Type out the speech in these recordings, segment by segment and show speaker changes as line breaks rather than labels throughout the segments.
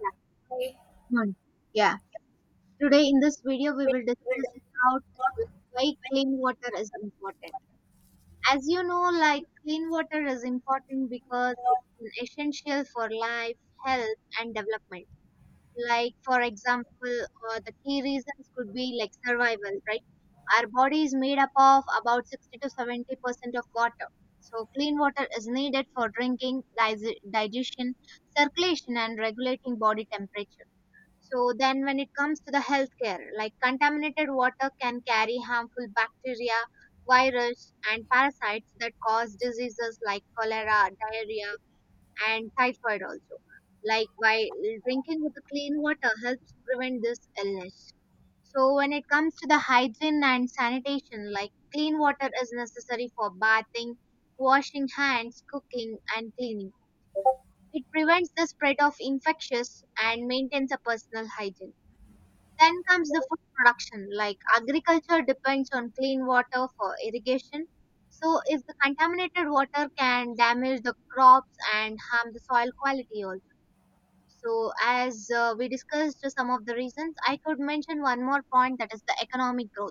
Yeah, one. Yeah. Today in this video we will discuss about why clean water is important. As you know, like, clean water is important because it is essential for life, health, and development. Like, for example, the key reasons could be like survival, right? Our body is made up of about 60 to 70% of water. So clean water is needed for drinking, digestion, circulation, and regulating body temperature. So then when it comes to the healthcare, like, contaminated water can carry harmful bacteria, virus and parasites that cause diseases like cholera, diarrhea and typhoid also. Like, while drinking with the clean water helps prevent this illness. So when it comes to the hygiene and sanitation, like, clean water is necessary for bathing, washing hands, cooking and cleaning. It prevents the spread of infectious and maintains a personal hygiene. Then comes the food production, like, agriculture depends on clean water for irrigation. So, if the contaminated water can damage the crops and harm the soil quality also. So, as we discussed some of the reasons, I could mention one more point, that is the economic growth.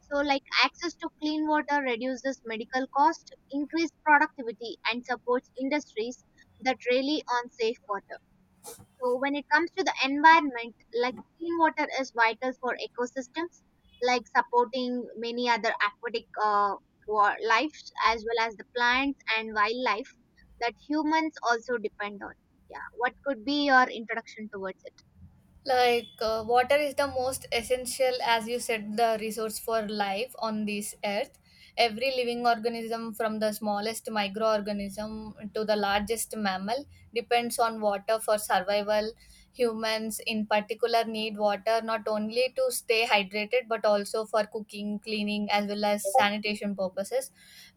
So, like, access to clean water reduces medical cost, increased productivity, and supports industries that rely on safe water. So when it comes to the environment, like, clean water is vital for ecosystems, like supporting many other aquatic lives as well as the plants and wildlife that humans also depend on. Yeah, what could be your introduction towards it?
Most essential, as you said, the resource for life on this earth. Every living organism, from the smallest microorganism to the largest mammal, depends on water for survival. Humans, in particular, need water not only to stay hydrated but also for cooking, cleaning, as well as sanitation purposes.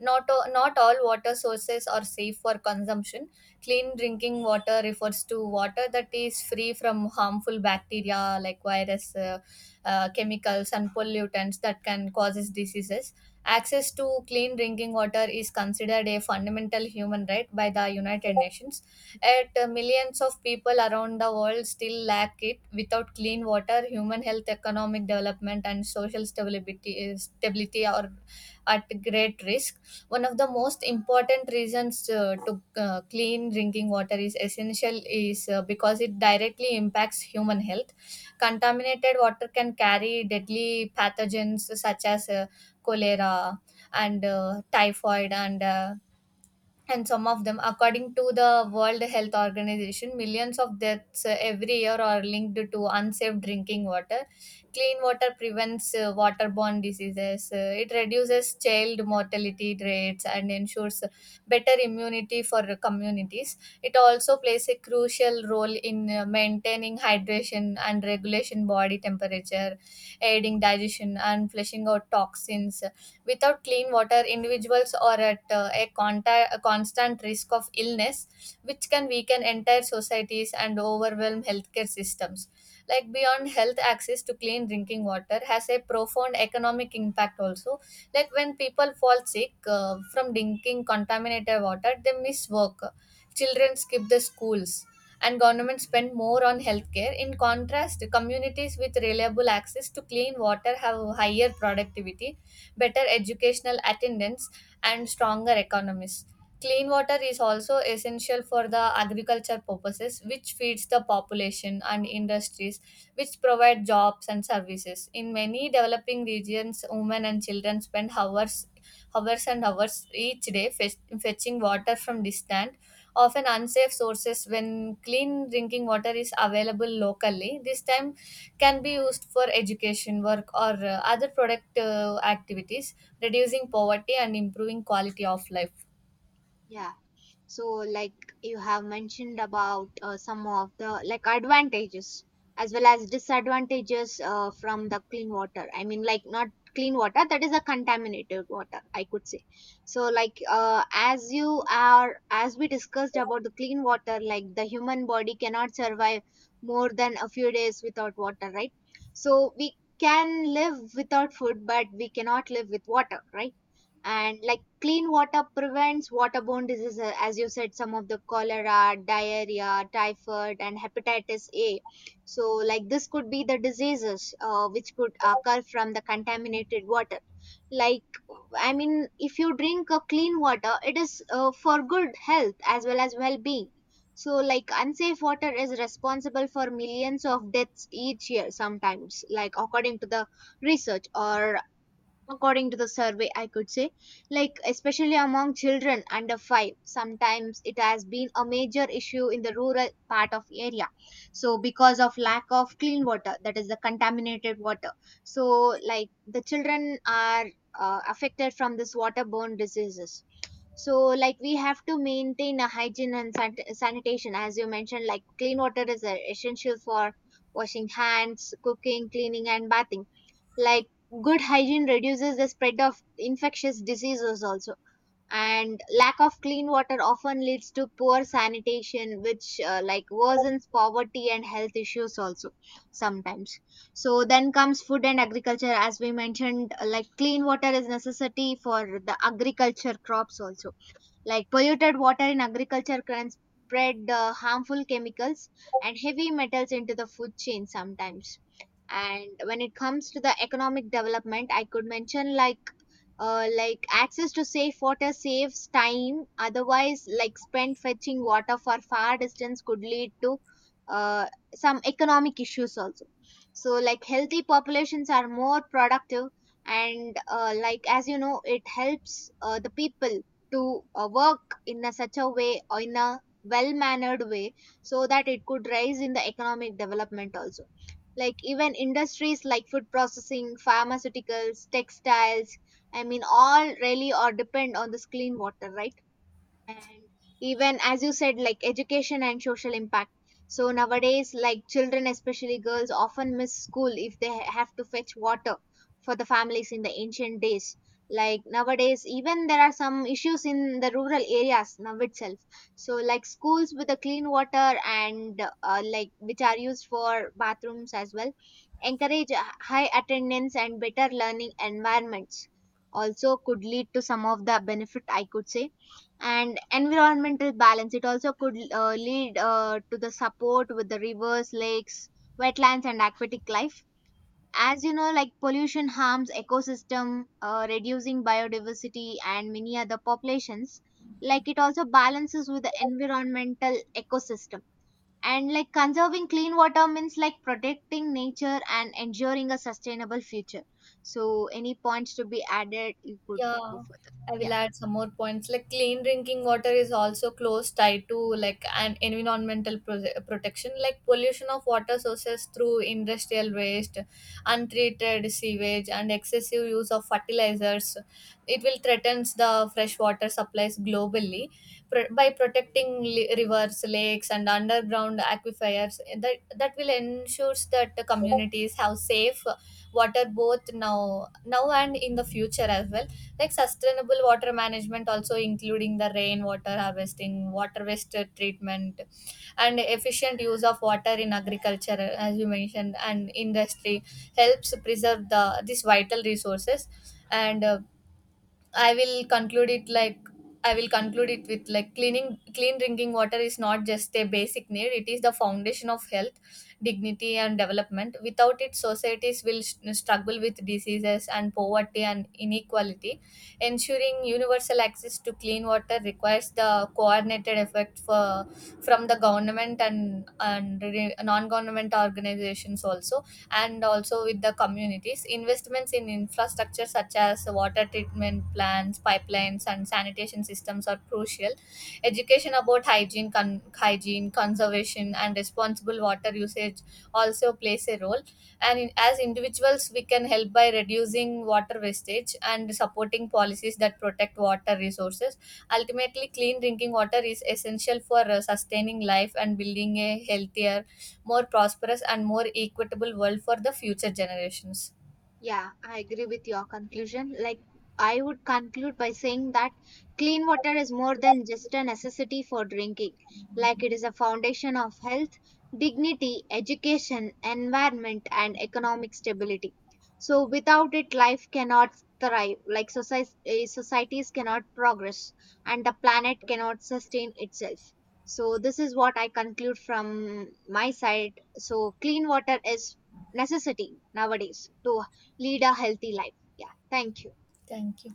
Not all water sources are safe for consumption. Clean drinking water refers to water that is free from harmful bacteria like virus, chemicals and pollutants that can causes diseases. Access to clean drinking water is considered a fundamental human right by the United Nations, yet millions of people around the world still lack it. Without clean water, human health, economic development, and social stability are at great risk. One of the most important reasons to clean drinking water is essential is because it directly impacts human health. Contaminated water can carry deadly pathogens such as cholera and typhoid, and some of them. According to the World Health Organization, millions of deaths every year are linked to unsafe drinking water. Clean water prevents waterborne diseases. It reduces child mortality rates and ensures better immunity for communities. It also plays a crucial role in maintaining hydration and regulation body temperature, aiding digestion and flushing out toxins. Without clean water, individuals are at a constant risk of illness, which can weaken entire societies and overwhelm healthcare systems. Like, beyond health, access to clean drinking water has a profound economic impact also. Like, when people fall sick from drinking contaminated water, they miss work, children skip the schools, and governments spend more on healthcare. In contrast, communities with reliable access to clean water have higher productivity, better educational attendance, and stronger economies. Clean water is also essential for the agriculture purposes, which feeds the population and industries which provide jobs and services. In many developing regions, women and children spend hours, hours and hours each day fetching water from distant, often unsafe sources. When clean drinking water is available locally, this time can be used for education, work, or other productive activities, reducing poverty and improving quality of life.
Yeah. So, like, you have mentioned about some of the like advantages as well as disadvantages from the clean water. I mean, like, not clean water, that is a contaminated water, I could say. So like, as you are, as we discussed about the clean water, like, the human body cannot survive more than a few days without water, right? So we can live without food, but we cannot live with water, right? And like, clean water prevents waterborne diseases, as you said, some of the cholera, diarrhea, typhoid and hepatitis A. So like, this could be the diseases which could occur from the contaminated water. Like, I mean, if you drink a clean water, it is for good health as well as well-being. So like, unsafe water is responsible for millions of deaths each year, sometimes, like, according to the research or according to the survey, I could say. Like, especially among children under 5, sometimes it has been a major issue in the rural part of area. So, because of lack of clean water, that is the contaminated water. So like, the children are affected from this waterborne diseases. So like, we have to maintain a hygiene and sanitation, as you mentioned. Like, clean water is essential for washing hands, cooking, cleaning and bathing. Like, good hygiene reduces the spread of infectious diseases also. And lack of clean water often leads to poor sanitation, which like, worsens poverty and health issues also, sometimes. So then comes food and agriculture, as we mentioned. Like, clean water is necessity for the agriculture crops also. Like, polluted water in agriculture can spread harmful chemicals and heavy metals into the food chain sometimes. And when it comes to the economic development, I could mention, like, like, access to safe water saves time, otherwise, like, spent fetching water for far distance could lead to uh, some economic issues also. So like, healthy populations are more productive, and like, as you know, it helps the people to work in a such a way or in a well mannered way, so that it could rise in the economic development also. Like, even industries like food processing, pharmaceuticals, textiles, I mean, all really are depend on this clean water, right? And even, as you said, like, education and social impact. So nowadays, like, children, especially girls, often miss school if they have to fetch water for the families. In the ancient days, like nowadays, even there are some issues in the rural areas now itself. So like, schools with the clean water and like, which are used for bathrooms as well, encourage high attendance and better learning environments, also could lead to some of the benefit, I could say. And environmental balance, it also could lead to the support with the rivers, lakes, wetlands and aquatic life. As you know, like, pollution harms ecosystem, reducing biodiversity and many other populations. Like, it also balances with the environmental ecosystem. And like, conserving clean water means, like, protecting nature and ensuring a sustainable future. So, any points to be added? You could go
Yeah,
further,
I will
yeah.
add some more points. Like, clean drinking water is also close tied to like an environmental protection, like pollution of water sources through industrial waste, untreated sewage, and excessive use of fertilizers. It will threatens the fresh water supplies globally. By protecting rivers, lakes, and underground aquifers, that will ensures that the communities have safe water both now and in the future as well. Like, sustainable water management also including the rainwater harvesting, water waste treatment, and efficient use of water in agriculture, as you mentioned, and industry, helps preserve the these vital resources. And uh, I will conclude it like, I will conclude it with like cleaning clean drinking water is not just a basic need, it is the foundation of health, dignity, and development. Without it, societies will struggle with diseases and poverty and inequality. Ensuring universal access to clean water requires the coordinated effort for from the government and non government organizations also, and also with the communities. Investments in infrastructure such as water treatment plants, pipelines, and sanitation systems are crucial. Education about hygiene, conservation, and responsible water usage also plays a role. As individuals, we can help by reducing water wastage and supporting policies that protect water resources. Ultimately, clean drinking water is essential for sustaining life and building a healthier, more prosperous, and more equitable world for the future generations.
Yeah, I agree with your conclusion. Like, I would conclude by saying that clean water is more than just a necessity for drinking. Like, it is a foundation of health, dignity, education, environment, and economic stability. So, without it, life cannot thrive. Like, societies cannot progress, and the planet cannot sustain itself. So, this is what I conclude from my side. So, clean water is necessity nowadays to lead a healthy life. Yeah, thank you.
Thank you.